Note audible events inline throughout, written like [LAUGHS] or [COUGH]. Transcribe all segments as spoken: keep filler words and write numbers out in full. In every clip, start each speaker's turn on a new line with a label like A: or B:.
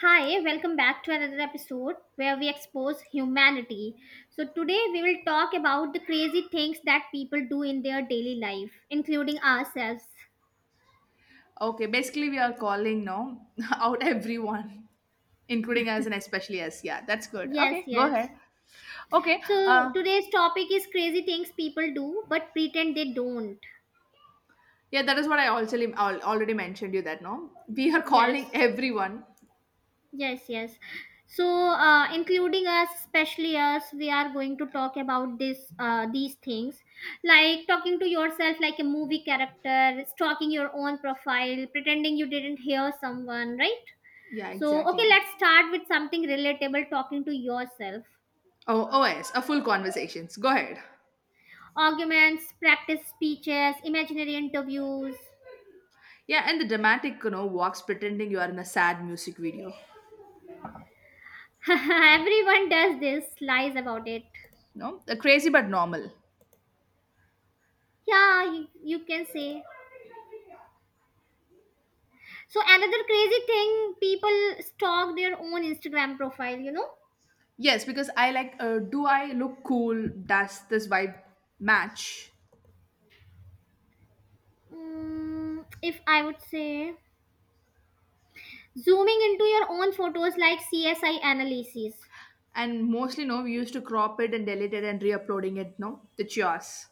A: Hi, welcome back to another episode where we expose humanity. So, today we will talk about the crazy things that people do in their daily life, including ourselves.
B: Okay, basically we are calling now [LAUGHS] out everyone, including us and especially us. Yeah, that's good.
A: Yes,
B: Okay, go ahead.
A: yes.
B: Okay,
A: So,
B: uh,
A: today's topic is crazy things people do but pretend they don't.
B: yeah, that is what I also al- already mentioned you that no, we are [LAUGHS]
A: Yes.
B: calling everyone.
A: Yes, yes. So, uh, including us, especially us, we are going to talk about this, uh, these things, like talking to yourself like a movie character, stalking your own profile, pretending you didn't hear someone, right?
B: Yeah,
A: So, okay,
B: exactly.
A: let's start with something relatable: talking to yourself,
B: Oh, oh yes, a full conversations. Go ahead.
A: arguments, practice speeches, imaginary interviews.
B: Yeah, and the dramatic, you know, walks pretending you are in a sad music video.
A: [LAUGHS] Everyone does this, lies about it.
B: No, Uh, crazy but normal.
A: Yeah, you, you can say. So another crazy thing, people stalk their own Instagram profile. You know,
B: Yes, because I like. Uh, do I look cool? Does this vibe match?
A: mm, if I would say zooming into your own photos like C S I analyses.
B: And mostly, no, we used to crop it and delete it and re-uploading it, no? The yours.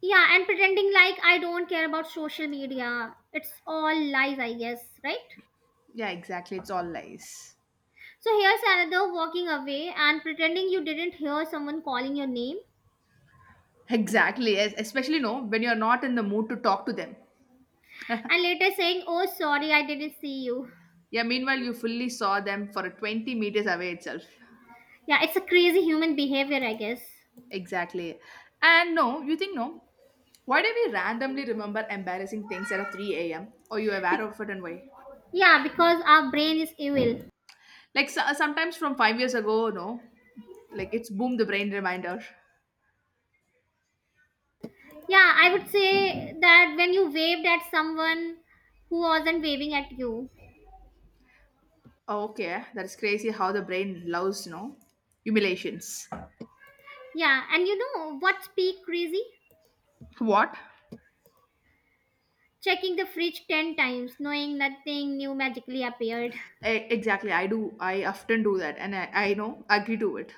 A: Yeah, and pretending like I don't care about social media. It's all lies, I guess, right?
B: Yeah, exactly. It's all lies.
A: So here's another walking away and pretending you didn't hear someone calling your name
B: Exactly. es- Especially, no, when you're not in the mood to talk to them.
A: and later saying, "Oh, sorry, I didn't see you."
B: Yeah, meanwhile, you fully saw them for twenty meters away itself.
A: Yeah, it's a crazy human behavior, I guess.
B: Exactly. And no, you think, no, why do we randomly remember embarrassing things at a three a m? Or you aware
A: Be-
B: of it and why?
A: yeah, because our brain is evil.
B: Like so- sometimes from five years ago, no, like it's boom the brain reminder.
A: Yeah, I would say that when you waved at someone who wasn't waving at you.
B: Oh, okay, that's crazy how the brain loves, no, humiliations.
A: Yeah, and you know what's peak crazy?
B: What?
A: Checking the fridge ten times, knowing nothing new magically appeared. [LAUGHS]
B: E- exactly, I do. I often do that, and I, I know, agree to it.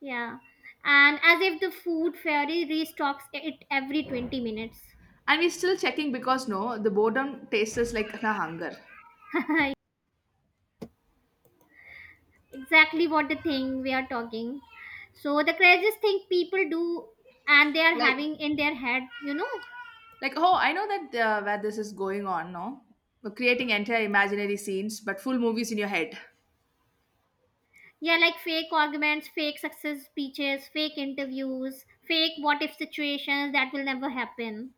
A: Yeah, and as if the food fairy restocks it every twenty minutes.
B: And we're still checking because no, the boredom tastes us like na hunger.
A: [LAUGHS] Exactly what the thing we are talking. So, the craziest thing people do and they are
B: Like,
A: having in their head, you know,
B: like oh, I know that uh, where this is going on, no, we're creating entire imaginary scenes, but full movies in your head,
A: Yeah, like fake arguments, fake success speeches, fake interviews, fake what if situations that will never happen.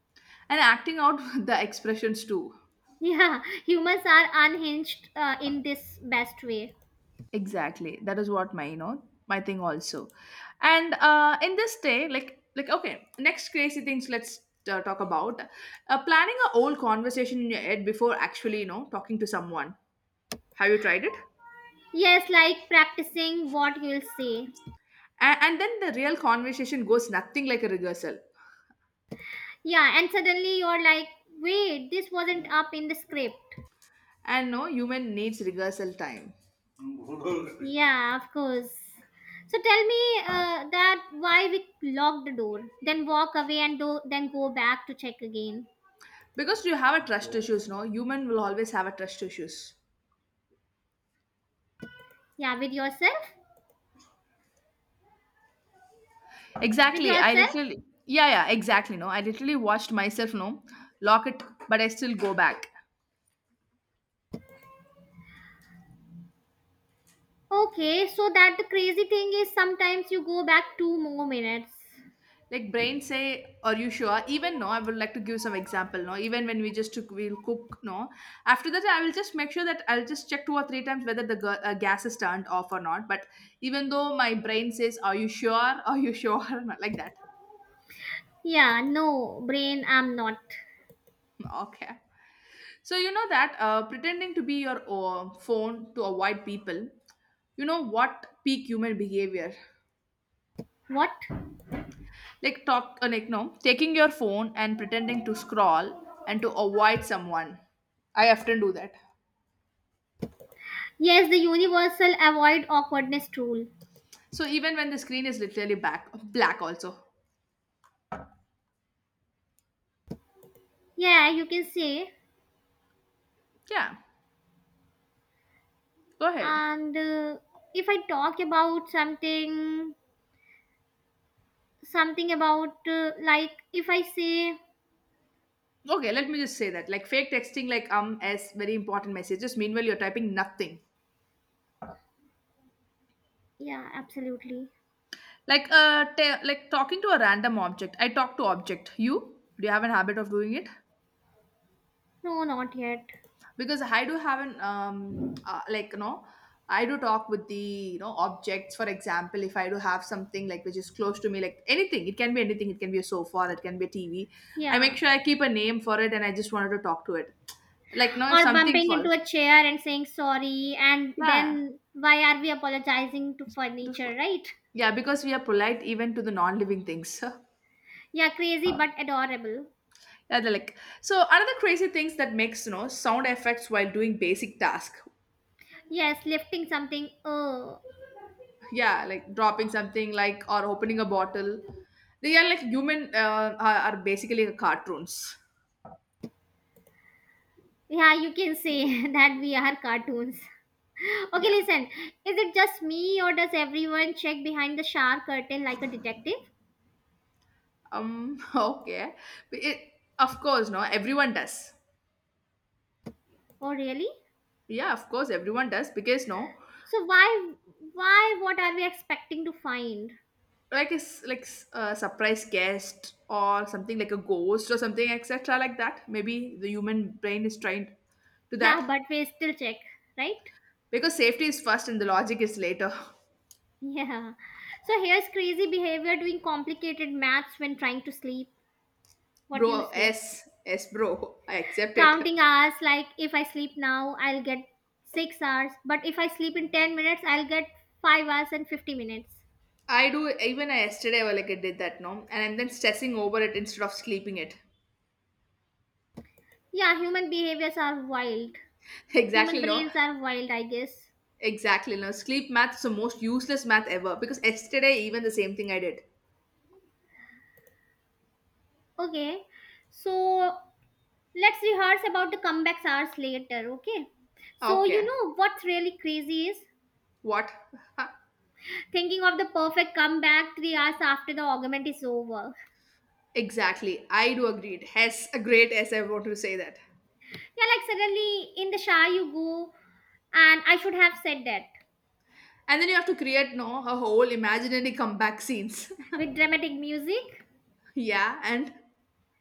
B: and acting out [LAUGHS] the expressions too.
A: Yeah, [LAUGHS] humans are unhinged uh, in this best way.
B: Exactly. That is what my you know my thing also. And uh, in this day, like like okay, next crazy things. Let's uh, talk about uh, planning a whole conversation in your head before actually you know talking to someone. Have you tried it?
A: Yes, like practicing what you'll say.
B: And, and then the real conversation goes nothing like a rehearsal.
A: Yeah, and suddenly you're like, wait, this wasn't up in the script.
B: And no human needs rehearsal time [LAUGHS]
A: Yeah, of course. So tell me uh, that why we lock the door, then walk away and do, then go back to check again.
B: because you have a trust issues. No human will always have a trust issues.
A: Yeah, with yourself? With
B: Exactly. I
A: yourself?
B: literally, yeah, yeah, exactly. No, I literally watched myself, no, lock it, but I still go back.
A: Okay, so that the crazy thing is sometimes you go back two more minutes.
B: Like brain say, are you sure? Even no, I would like to give some example. No, even when we just took, we'll cook. No, after that, I will just make sure that I'll just check two or three times whether the gu- uh, gas is turned off or not. But even though my brain says, are you sure? [LAUGHS] Are you sure? [LAUGHS] Not like that.
A: Yeah, no, brain, I'm not.
B: Okay. So you know that uh, pretending to be your uh, phone to avoid people. You know what peak human behavior?
A: What?
B: Like talk uh, like no, taking your phone and pretending to scroll and to avoid someone. I often do that.
A: Yes, the universal avoid awkwardness rule.
B: So even when the screen is literally back black also.
A: Yeah, you can say.
B: Yeah. Go ahead.
A: And uh, if I talk about something, something about, uh, like, if I say,
B: Okay, let me just say that. Like fake texting like um as very important messages. Meanwhile you're typing nothing.
A: yeah, absolutely.
B: Like uh ta- like talking to a random object. I talk to object. You? Do you have a habit of doing it?
A: No, not yet.
B: Because I do have an um uh, like you know I do talk with the you know objects, for example if I do have something like which is close to me, like anything, it can be anything, it can be a sofa, it can be a TV. I make
A: Yeah.
B: sure I keep a name for it and I just wanted to talk to it like now if
A: Or
B: something
A: bumping into
B: falls.
A: a chair and saying sorry, and
B: Yeah.
A: then why are we apologizing to
B: do
A: furniture,
B: f-
A: right?
B: yeah, because we are polite even to the non-living things. [LAUGHS] Yeah,
A: Yeah, crazy but adorable.
B: they're like so another crazy things that makes you know sound effects while doing basic task.
A: Yes, lifting something. Oh,
B: Yeah, like dropping something like or opening a bottle. They are like human uh, are, are basically like cartoons.
A: yeah, you can say [LAUGHS] that we are cartoons. [LAUGHS] Okay,
B: Yeah.
A: listen. Is it just me or does everyone check behind the shower curtain like a detective?
B: Um [LAUGHS] okay. But it, of course no everyone does.
A: Oh, really?
B: Yeah, of course everyone does because no,
A: So why, why, what are we expecting to find? [LAUGHS]
B: like it's like s- a surprise guest or something, like a ghost or something etc, like that maybe the human brain is trained to
A: Yeah,
B: that
A: but we still check, right? [LAUGHS]
B: because safety is first and the logic is later.
A: Yeah. So here's crazy behavior doing complicated maths when trying to sleep.
B: [LAUGHS]
A: What do
B: bro
A: you say?
B: s s bro I accept it.
A: Counting hours like if I sleep now I'll get six hours, but if I sleep in ten minutes I'll get five hours and fifty minutes.
B: I do, even I yesterday I like I did that no, and I'm then stressing over it instead of sleeping it.
A: Yeah, human behaviors are wild.
B: [LAUGHS]
A: Human
B: Exactly, no.
A: brains are wild, I guess.
B: Exactly no. Sleep math is the most useless math ever because yesterday even the same thing I did.
A: Okay, so let's rehearse about the comebacks hours later. Okay, so you
B: Okay.
A: know what's really crazy is
B: What? Huh.
A: thinking of the perfect comeback three hours after the argument is over.
B: Exactly. I do agreed. Yes, a great S I want to say that.
A: Yeah, like suddenly in the shower you go, and I should have said that,
B: And then you have to create no a whole imaginary comeback scenes.
A: with dramatic music,
B: [LAUGHS] Yeah, and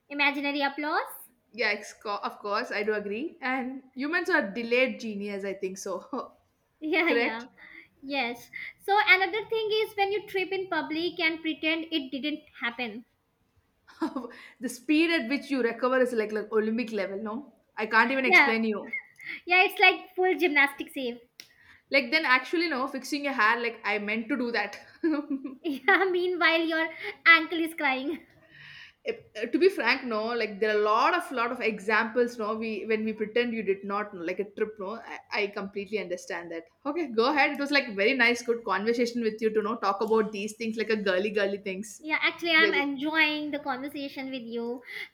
A: imaginary applause.
B: yeah, it's co- of course I do agree. And humans are delayed genius, I think so.
A: [LAUGHS]
B: [LAUGHS]
A: Yeah,
B: Correct?
A: yeah. Yes. So another thing is when you trip in public and pretend it didn't happen.
B: [LAUGHS] The speed at which you recover is like like Olympic level, no? I can't even
A: Yeah,
B: explain you.
A: yeah, it's like full gymnastics save.
B: Like then actually no, fixing your hair, like I meant to do that.
A: [LAUGHS]
B: [LAUGHS]
A: Yeah, meanwhile your ankle is crying. [LAUGHS]
B: If- uh, to be frank, no, like there are a lot of lot of examples, no, we when we pretend you did not no, like a trip, no. I, I completely understand that. Okay, go ahead. It was like very nice, good conversation with you to know talk about these things like a girly girly things.
A: Yeah, actually I'm
B: We're just,
A: enjoying the conversation with you.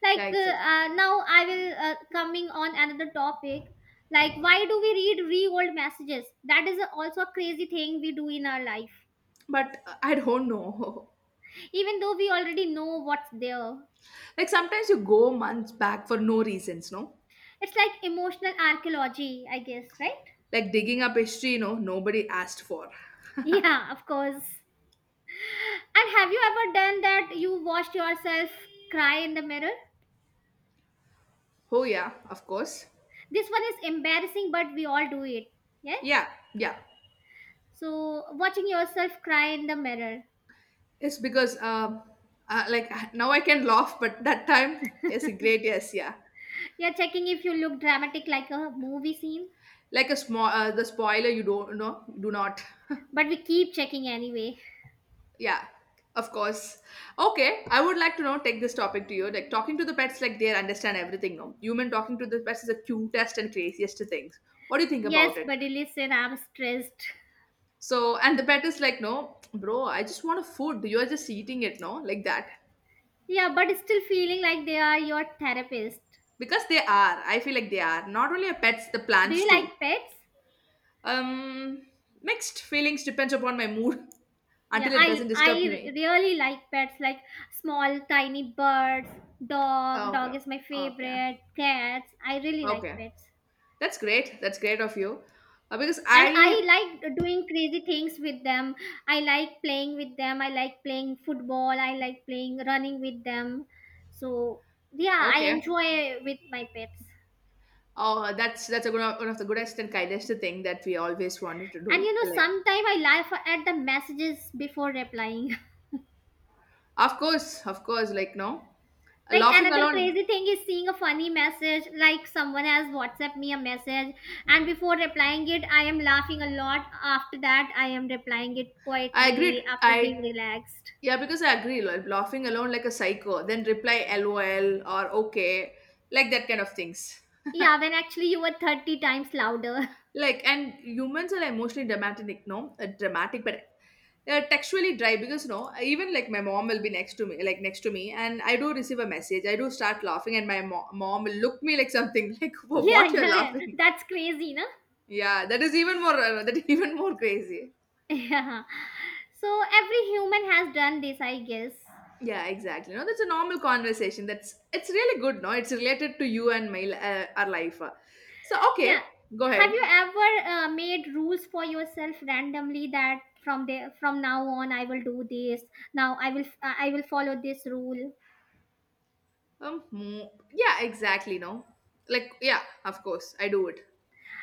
A: Like
B: yeah,
A: uh,
B: exactly.
A: uh, now I will uh, coming on another topic, like why do we read re-old messages, that is also a crazy thing we do in our life,
B: But uh, I don't know. [LAUGHS]
A: even though we already know what's there.
B: Like sometimes you go months back for no reasons, no?
A: It's like emotional archaeology, I guess, right?
B: Like digging up history, you know, nobody asked for.
A: Yeah, of course. And have you ever done that? You watched yourself cry in the mirror?
B: Oh, yeah, of course.
A: This one is embarrassing, but we all do it. Yeah?
B: Yeah, yeah.
A: So, watching yourself cry in the mirror.
B: It's because, uh, uh, like, now I can laugh, but that time, yes, great, yes, yeah.
A: You're checking if you look dramatic like a movie scene,
B: Like a small, uh, the spoiler, you don't know, do not. [LAUGHS]
A: but we keep checking anyway.
B: Yeah, of course. Okay, I would like to now take this topic to you. Like, talking to the pets, like, they understand everything, no? Human talking to the pets is the cutest and craziest things. What do you think
A: Yes,
B: about it?
A: buddy, listen, I'm stressed.
B: So, and the pet is like, no, bro, I just want a food. You're just eating it, no? Like that.
A: Yeah, but still feeling like they are your therapist.
B: Because they are, I feel like they are not only a pets, the
A: Do
B: plants
A: you
B: too.
A: like pets?
B: um Mixed feelings, depends upon my mood. [LAUGHS]
A: Yeah,
B: Until it
A: I
B: doesn't disturb
A: I
B: me.
A: really like pets, like small tiny birds, dog, dog
B: Okay,
A: is my
B: okay,
A: favorite, cats. I really like
B: okay,
A: pets.
B: that's great, that's great of you. Uh, because
A: And
B: i.
A: I like doing crazy things with them. I like playing with them. I like playing football. I like playing running with them. So, yeah, I
B: Okay,
A: enjoy with my pets.
B: oh that's that's a good, one of the goodest and kindest thing that we always wanted to
A: And
B: do.
A: you know,
B: Like
A: sometimes I laugh at the messages before replying.
B: of course, of course, like no,
A: Like
B: laughing
A: another
B: alone.
A: crazy thing is seeing a funny message, like someone has WhatsApp me a message, and before replying it, I am laughing a lot. After that, I am replying it
B: I
A: quietly
B: agreed.
A: after
B: I
A: being relaxed.
B: yeah, because I agree. Like laughing alone like a psycho, then reply LOL or okay, like that kind of things.
A: Yeah, when actually you were thirty times louder. [LAUGHS]
B: Like and humans are emotionally dramatic, no, uh, dramatic, but uh, textually dry because no, even like my mom will be next to me, like next to me, and I do receive a message. I do start laughing, and my mo- mom will look me like something [LAUGHS] like "Wha-
A: Yeah,
B: what you're
A: yeah, yeah.
B: laughing."
A: That's crazy, no?
B: Yeah, that is even more uh, that is even more crazy.
A: [LAUGHS] Yeah. So every human has done this, I guess.
B: Yeah, exactly. No, that's a normal conversation. That's it's really good. No, it's related to you and my li- uh, our life. So
A: Yeah.
B: okay, go
A: Have
B: ahead.
A: you ever uh, made rules for yourself randomly, that from there from now on I will do this. Now I will I will follow this rule.
B: Um, mm, yeah, exactly. No, like yeah, of course I do it.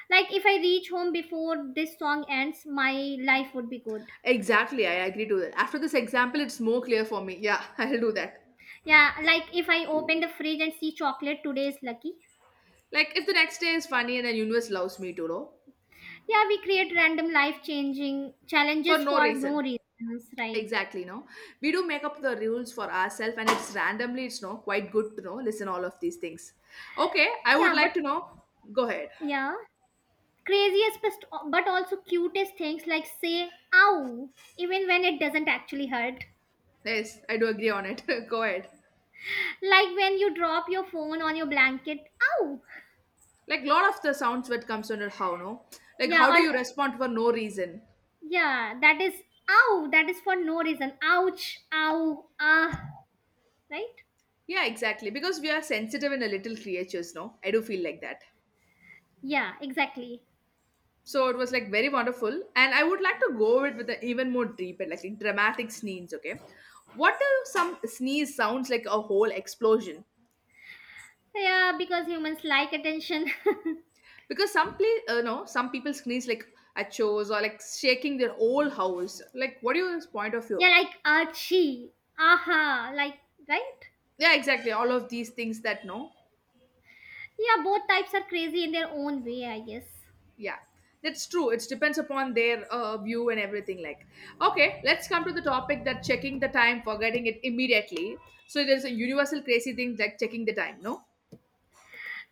A: Like if I reach home before this song ends, my life would be good.
B: Exactly, I agree to that. After this example, it's more clear for me. Yeah, [LAUGHS] I'll do that.
A: Yeah, like if I open the fridge and see chocolate, today is lucky.
B: Like if the next day is funny and the universe loves me too, no,
A: Yeah, we create random life changing
B: for
A: challenges
B: no
A: for no
B: reason.
A: reasons, right?
B: Exactly, no. We do make up the rules for ourselves, and it's randomly. It's no quite good to know. Listen, all of these things. Okay, I would
A: Yeah,
B: like to
A: but
B: know. Go ahead.
A: yeah. Craziest best, but also cutest things like say ow even when it doesn't actually hurt.
B: Yes, I do agree on it. [LAUGHS] Go ahead.
A: Like when you drop your phone on your blanket, ow.
B: Like lot of the sounds that comes under how no, like
A: Yeah,
B: how do
A: or
B: you respond for no reason?
A: yeah, that is ow, that is for no reason. Ouch, ow, ah, right?
B: Yeah, exactly. Because we are sensitive and a little creatures, no. I do feel like that.
A: Yeah, exactly.
B: So it was like very wonderful, and I would like to go with with an even more deep and like dramatic sneeze. Okay, what do some sneeze sounds like a whole explosion?
A: Yeah, because humans like attention.
B: Because some play, uh, no, some people sneeze like at shows or like shaking their whole house. Like, what do you point of
A: [LAUGHS] Yeah,
B: view?
A: like achi, aha, like right?
B: Yeah exactly, all of these things that no.
A: Yeah, both types are crazy in their own way, I guess.
B: Yeah, that's true. It depends upon their uh, view and everything. Like, okay, let's come to the topic that checking the time, forgetting it immediately. So there's a universal crazy thing like checking the time. No,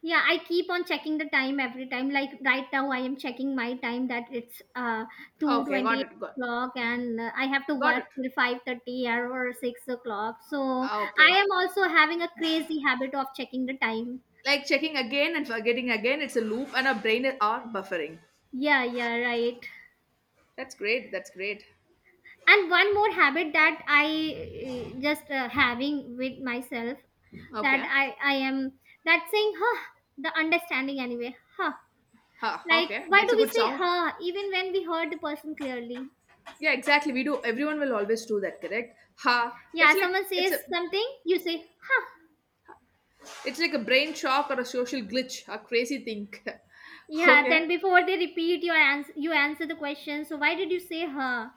A: Yeah, I keep on checking the time every time, like right now I am checking my time, that it's uh two
B: okay,
A: twenty
B: got it, got,
A: o'clock and uh, I have to
B: got
A: work
B: it.
A: till five thirty or six o'clock, so I
B: Okay,
A: am also having a crazy habit of checking the time.
B: like checking again and forgetting again. It's a loop, and our brain are buffering.
A: Yeah, yeah, right.
B: That's great. That's great.
A: And one more habit that I uh, just uh, having with myself, that
B: Okay.
A: i i am that saying huh, the understanding anyway, huh,
B: Ha,
A: like
B: okay.
A: why
B: That's
A: do
B: a
A: we
B: good
A: say
B: sound.
A: huh even when we heard the person clearly?
B: Yeah, exactly. We do. Everyone will always do that, correct? Ha.
A: Yeah,
B: It's like
A: someone
B: it's a.
A: says something, you say, huh.
B: It's like a brain shock or a social glitch, a crazy thing. [LAUGHS]
A: Yeah,
B: Okay.
A: then before they repeat your answer, you answer the question. So why did you say huh?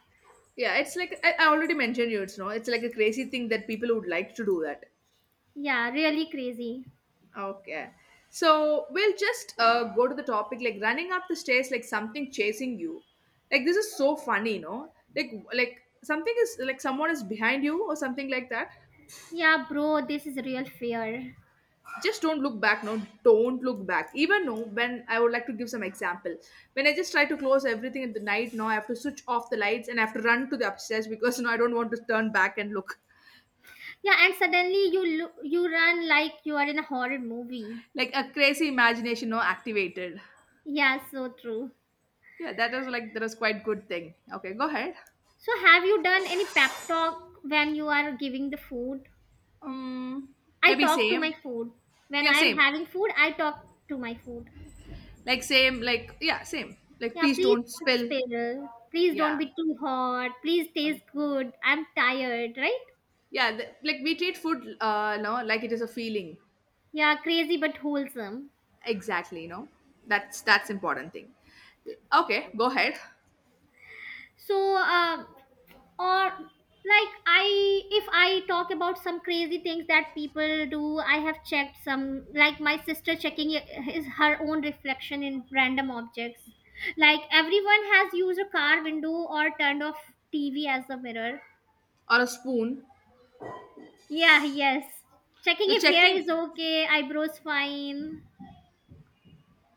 B: Yeah, it's like I, I already mentioned you, it's no, it's like a crazy thing that people would like to do that.
A: Yeah, really crazy.
B: Okay. So we'll just uh, go to the topic like running up the stairs like something chasing you. Like this is so funny, you know? Like like something is like someone is behind you or something like that.
A: Yeah, bro, this is real fear.
B: Just don't look back, no, don't look back even. No When I would like to give some example, when I just try to close everything at the night, now I have to switch off the lights and I have to run to the upstairs because no, I don't want to turn back and look.
A: Yeah, and suddenly you lo- you run like you are in a horror movie.
B: Like a crazy imagination, no, activated.
A: Yeah, so true.
B: Yeah, that was like that was quite good thing. Okay, go ahead.
A: So have you done any pep talk when you are giving the food?
B: um
A: I
B: Maybe
A: talk to my
B: same.
A: food. When
B: Yeah,
A: I am
B: same.
A: having food, I talk to my food.
B: Like same like yeah, same, like
A: Yeah,
B: please
A: please
B: don't
A: don't
B: spill.
A: spiral. Please don't
B: Yeah.
A: be too hot. Please
B: um,
A: taste good. I'm tired, right?
B: yeah, th- like we treat food, uh no like it is a feeling.
A: Yeah, crazy but wholesome.
B: Exactly, you know. That's that's important thing. Okay, go ahead.
A: So, uh, or like I, if I talk about some crazy things that people do, I have checked some, like my sister checking his her own reflection in random objects. Like everyone has used a car window or turned off T V as a mirror.
B: Or a spoon.
A: Yeah, yes. Checking
B: You're
A: if hair is
B: checking,
A: okay, eyebrows fine.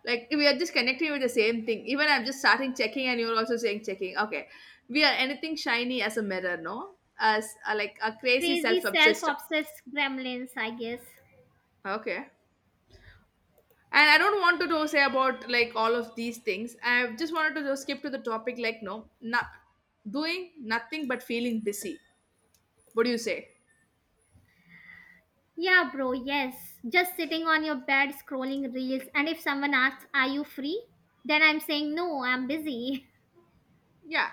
B: like we are just connecting with the same thing. Even I'm just starting checking and you're also saying checking. Okay. We are anything shiny as a mirror, no? As a, like a crazy
A: Crazy self
B: self-obsessed.
A: obsessed gremlins, I guess.
B: Okay. And I don't want to do- say about like all of these things. I just wanted to just skip to the topic like no, not doing nothing but feeling busy. What do you say?
A: Yeah, bro, yes. Just sitting on your bed scrolling reels, and if someone asks, are you free? Then I'm saying, no, I'm busy.
B: Yeah.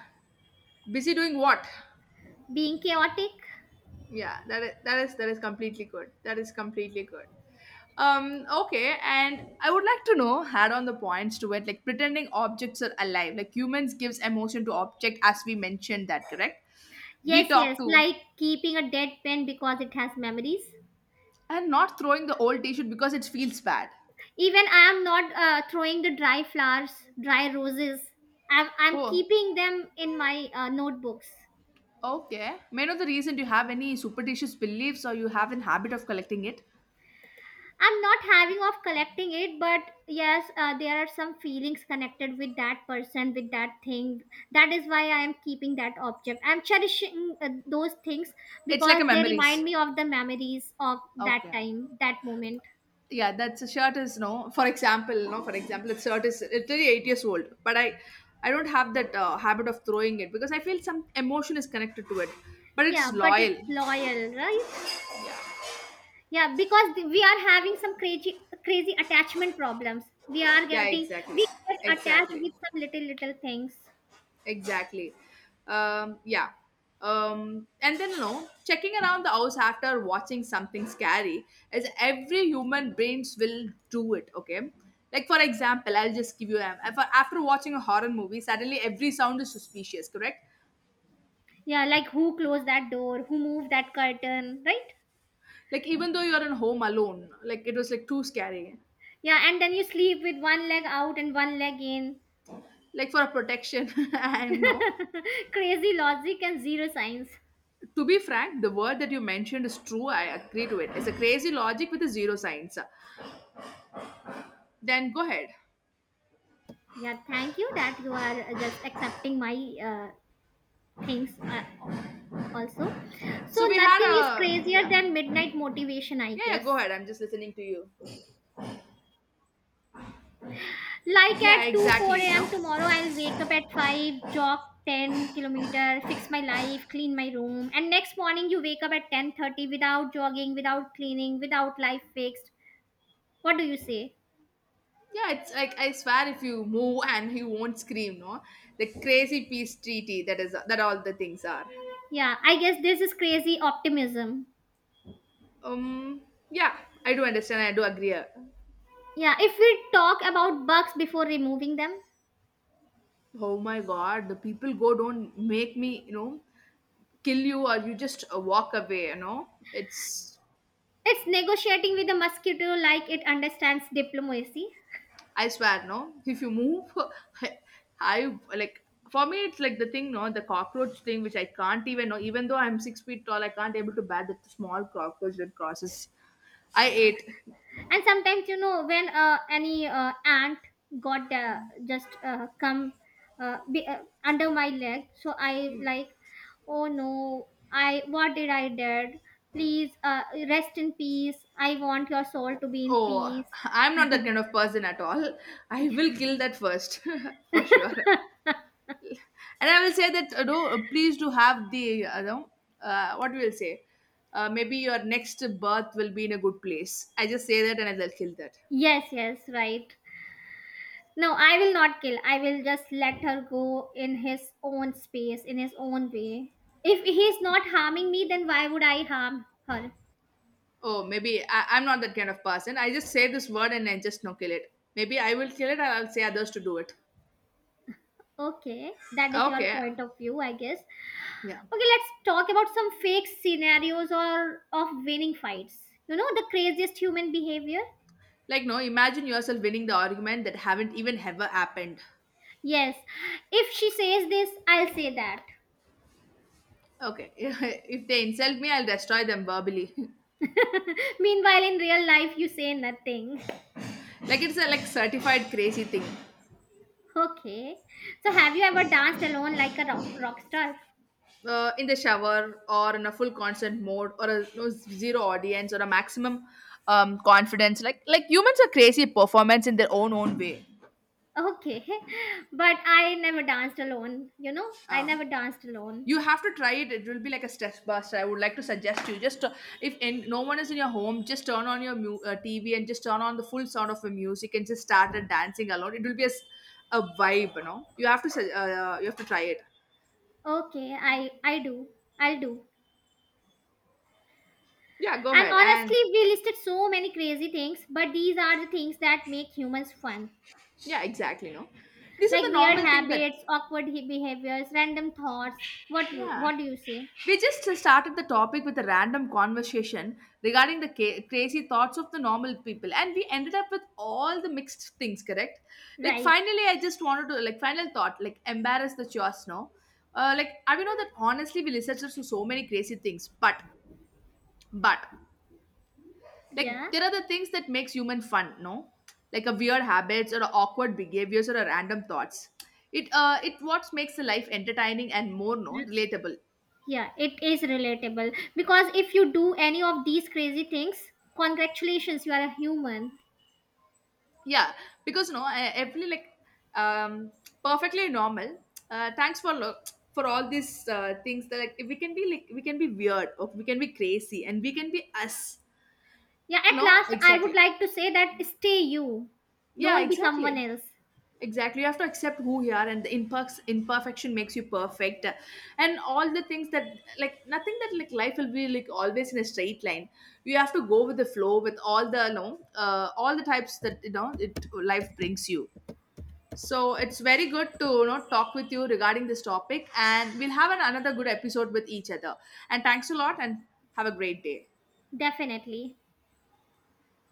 B: Busy doing what?
A: [LAUGHS] Being chaotic?
B: Yeah, that is that is that is completely good. That is completely good. Um, okay, and I would like to know, add on the points to it, like pretending objects are alive. Like humans gives emotion to object, as we mentioned that, correct? We
A: Yes,
B: talk
A: yes,
B: to
A: like keeping a dead pen because it has memories.
B: and not throwing the old T-shirt because it feels bad.
A: Even I am not uh, throwing the dry flowers, dry roses. I'm, I'm
B: Oh,
A: keeping them in my uh, notebooks.
B: okay. May I know the reason? Do you have any superstitious beliefs or you have an habit of collecting it?
A: I'm not having of collecting it, but yes, uh, there are some feelings connected with that person, with that thing. That is why I am keeping that object. I'm cherishing uh, those things
B: It's like
A: because
B: a
A: they remind
B: memories.
A: me of the memories of that
B: Okay.
A: time, that moment.
B: Yeah, that's a shirt is no, for example, no, for example, the shirt is literally eight years old, but i i don't have that uh, habit of throwing it because I feel some emotion is connected to it. But
A: Yeah,
B: it's
A: but
B: loyal.
A: it's loyal, right?
B: Yeah.
A: Yeah, because th- we are having some crazy, crazy attachment problems. We are
B: Yeah,
A: getting,
B: exactly.
A: we get attached
B: Exactly.
A: with some little, little things.
B: Exactly. Um yeah. Um and then you know checking around the house after watching something scary is every human brains will do it. Okay, like for example, I'll just give you a- af- after watching a horror movie, suddenly every sound is suspicious, correct?
A: Yeah, like who closed that door, who moved that curtain, right?
B: Like even though you're at home alone, like it was like too scary.
A: Yeah, and then you sleep with one leg out and one leg in.
B: Like for a protection [LAUGHS] and no.
A: [LAUGHS] Crazy logic and zero science.
B: To be frank, the word that you mentioned is true. I agree to it. It's a crazy logic with a zero science. Then go ahead.
A: Yeah, thank you that you are uh, just accepting my uh, things uh, al- also. So,
B: So we
A: nothing is
B: had a
A: crazier
B: yeah.
A: than midnight motivation, I
B: Yeah, yeah, go
A: guess.
B: ahead. I'm just listening to you.
A: Like
B: Yeah,
A: at two
B: exactly.
A: four a m
B: No?
A: tomorrow, I'll wake up at five, jog ten kilometer, fix my life, clean my room. And next morning, you wake up at ten thirty without jogging, without cleaning, without life fixed. What do you say?
B: Yeah, it's like I swear if you move [LAUGHS] and he won't scream, no? The crazy peace treaty that is that all the things are.
A: Yeah, I guess this is crazy optimism.
B: Um yeah, I do understand, I do agree. uh,
A: Yeah, if we talk about bugs before removing them,
B: Oh my God, the people go, don't make me, you know, kill you, or you just uh, walk away, you know. It's,
A: it's negotiating with the mosquito like it understands diplomacy.
B: I swear, no. If you move, [LAUGHS] I, I like, for me, it's like the thing, no, the cockroach thing, which I can't even know. Even though I'm six feet tall, I can't able to bear that small cockroach that crosses. I
A: Yeah,
B: ate.
A: and sometimes you know when uh, any uh, ant got uh, just uh, come uh, be, uh, under my leg, so I like, oh no, I what did I did? Please uh, rest in peace. I want your soul to be in
B: Oh,
A: peace.
B: I'm not that kind of person at all. I will kill that first, [LAUGHS] for sure. And I will say that, uh, do uh, please do have the uh, no, uh, what we'll say uh, maybe your next birth will be in a good place. I just say that and I'll kill that.
A: Yes, yes, right. No, I will not kill. I will just let her go in his own space, in his own way. If he's not harming me, then why would I harm her?
B: Oh maybe I, I'm not that kind of person. I just say this word and I just no kill it. Maybe I will kill it and I'll say others to do it.
A: Okay, that is your
B: Okay.
A: point of view, I guess.
B: Yeah.
A: Okay, let's talk about some fake scenarios or of winning fights. You know, the craziest human behavior?
B: like no Imagine yourself winning the argument that haven't even ever happened.
A: Yes. If she says this, I'll say that.
B: Okay. [LAUGHS] If they insult me, I'll destroy them verbally.
A: [LAUGHS] Meanwhile, in real life, you say nothing.
B: [LAUGHS] Like it's a like certified crazy thing.
A: Okay. So, have you ever danced alone like a rock, rock star?
B: Uh, in the shower or in a full concert mode, or a you know, zero audience or a maximum um, confidence. Like like humans are crazy performance in their own own way.
A: Okay, [LAUGHS] but I never danced alone. You know, I
B: um,
A: never danced alone.
B: you have to try it. It will be like a stress buster. I would like to suggest you. Just uh, if in, no one is in your home, just turn on your mu- uh, TV and just turn on the full sound of the music and just start uh, dancing alone. It will be a, s- a vibe, you know. You have to su- uh, you have to try it.
A: Okay, I I do. I'll do.
B: Yeah, go
A: And
B: ahead. And
A: honestly, we listed so many crazy things, but these are the things that make humans fun.
B: yeah, exactly, no. This is the
A: Like weird
B: normal thing that
A: habits, awkward he- behaviors, random thoughts. What you
B: yeah.
A: what do you say?
B: We just started the topic with a random conversation regarding the ca- crazy thoughts of the normal people, and we ended up with all the mixed things, correct? Like,
A: Right.
B: finally, I just wanted to, like, final thought, like, embarrass the chores, no? Uh, like, I know that honestly, we researchers do so many crazy things, but, but, like,
A: Yeah.
B: there are the things that makes human fun, no? Like, a weird habits or a awkward behaviors or a random thoughts. It, uh, it what makes the life entertaining and more, no,
A: R-
B: relatable.
A: Yeah, it is relatable because if you do any of these crazy things, congratulations, you are a human.
B: Yeah, because no I, every like um perfectly normal. Uh thanks for lo- for all these uh, things that like we can be, like we can be weird or we can be crazy, and we can be us.
A: Yeah, at
B: No
A: last, I would
B: exactly.
A: like to say that stay you.
B: Yeah,
A: Don't be someone
B: exactly.
A: else.
B: Exactly, you have to accept who you are, and the imperfect imperfection makes you perfect. And all the things that like nothing that like life will be like always in a straight line. You have to go with the flow with all the you know uh, all the types that you know it life brings you. So it's very good to you know talk with you regarding this topic, and we'll have an, another good episode with each other. And thanks a lot, and have a great day.
A: Definitely.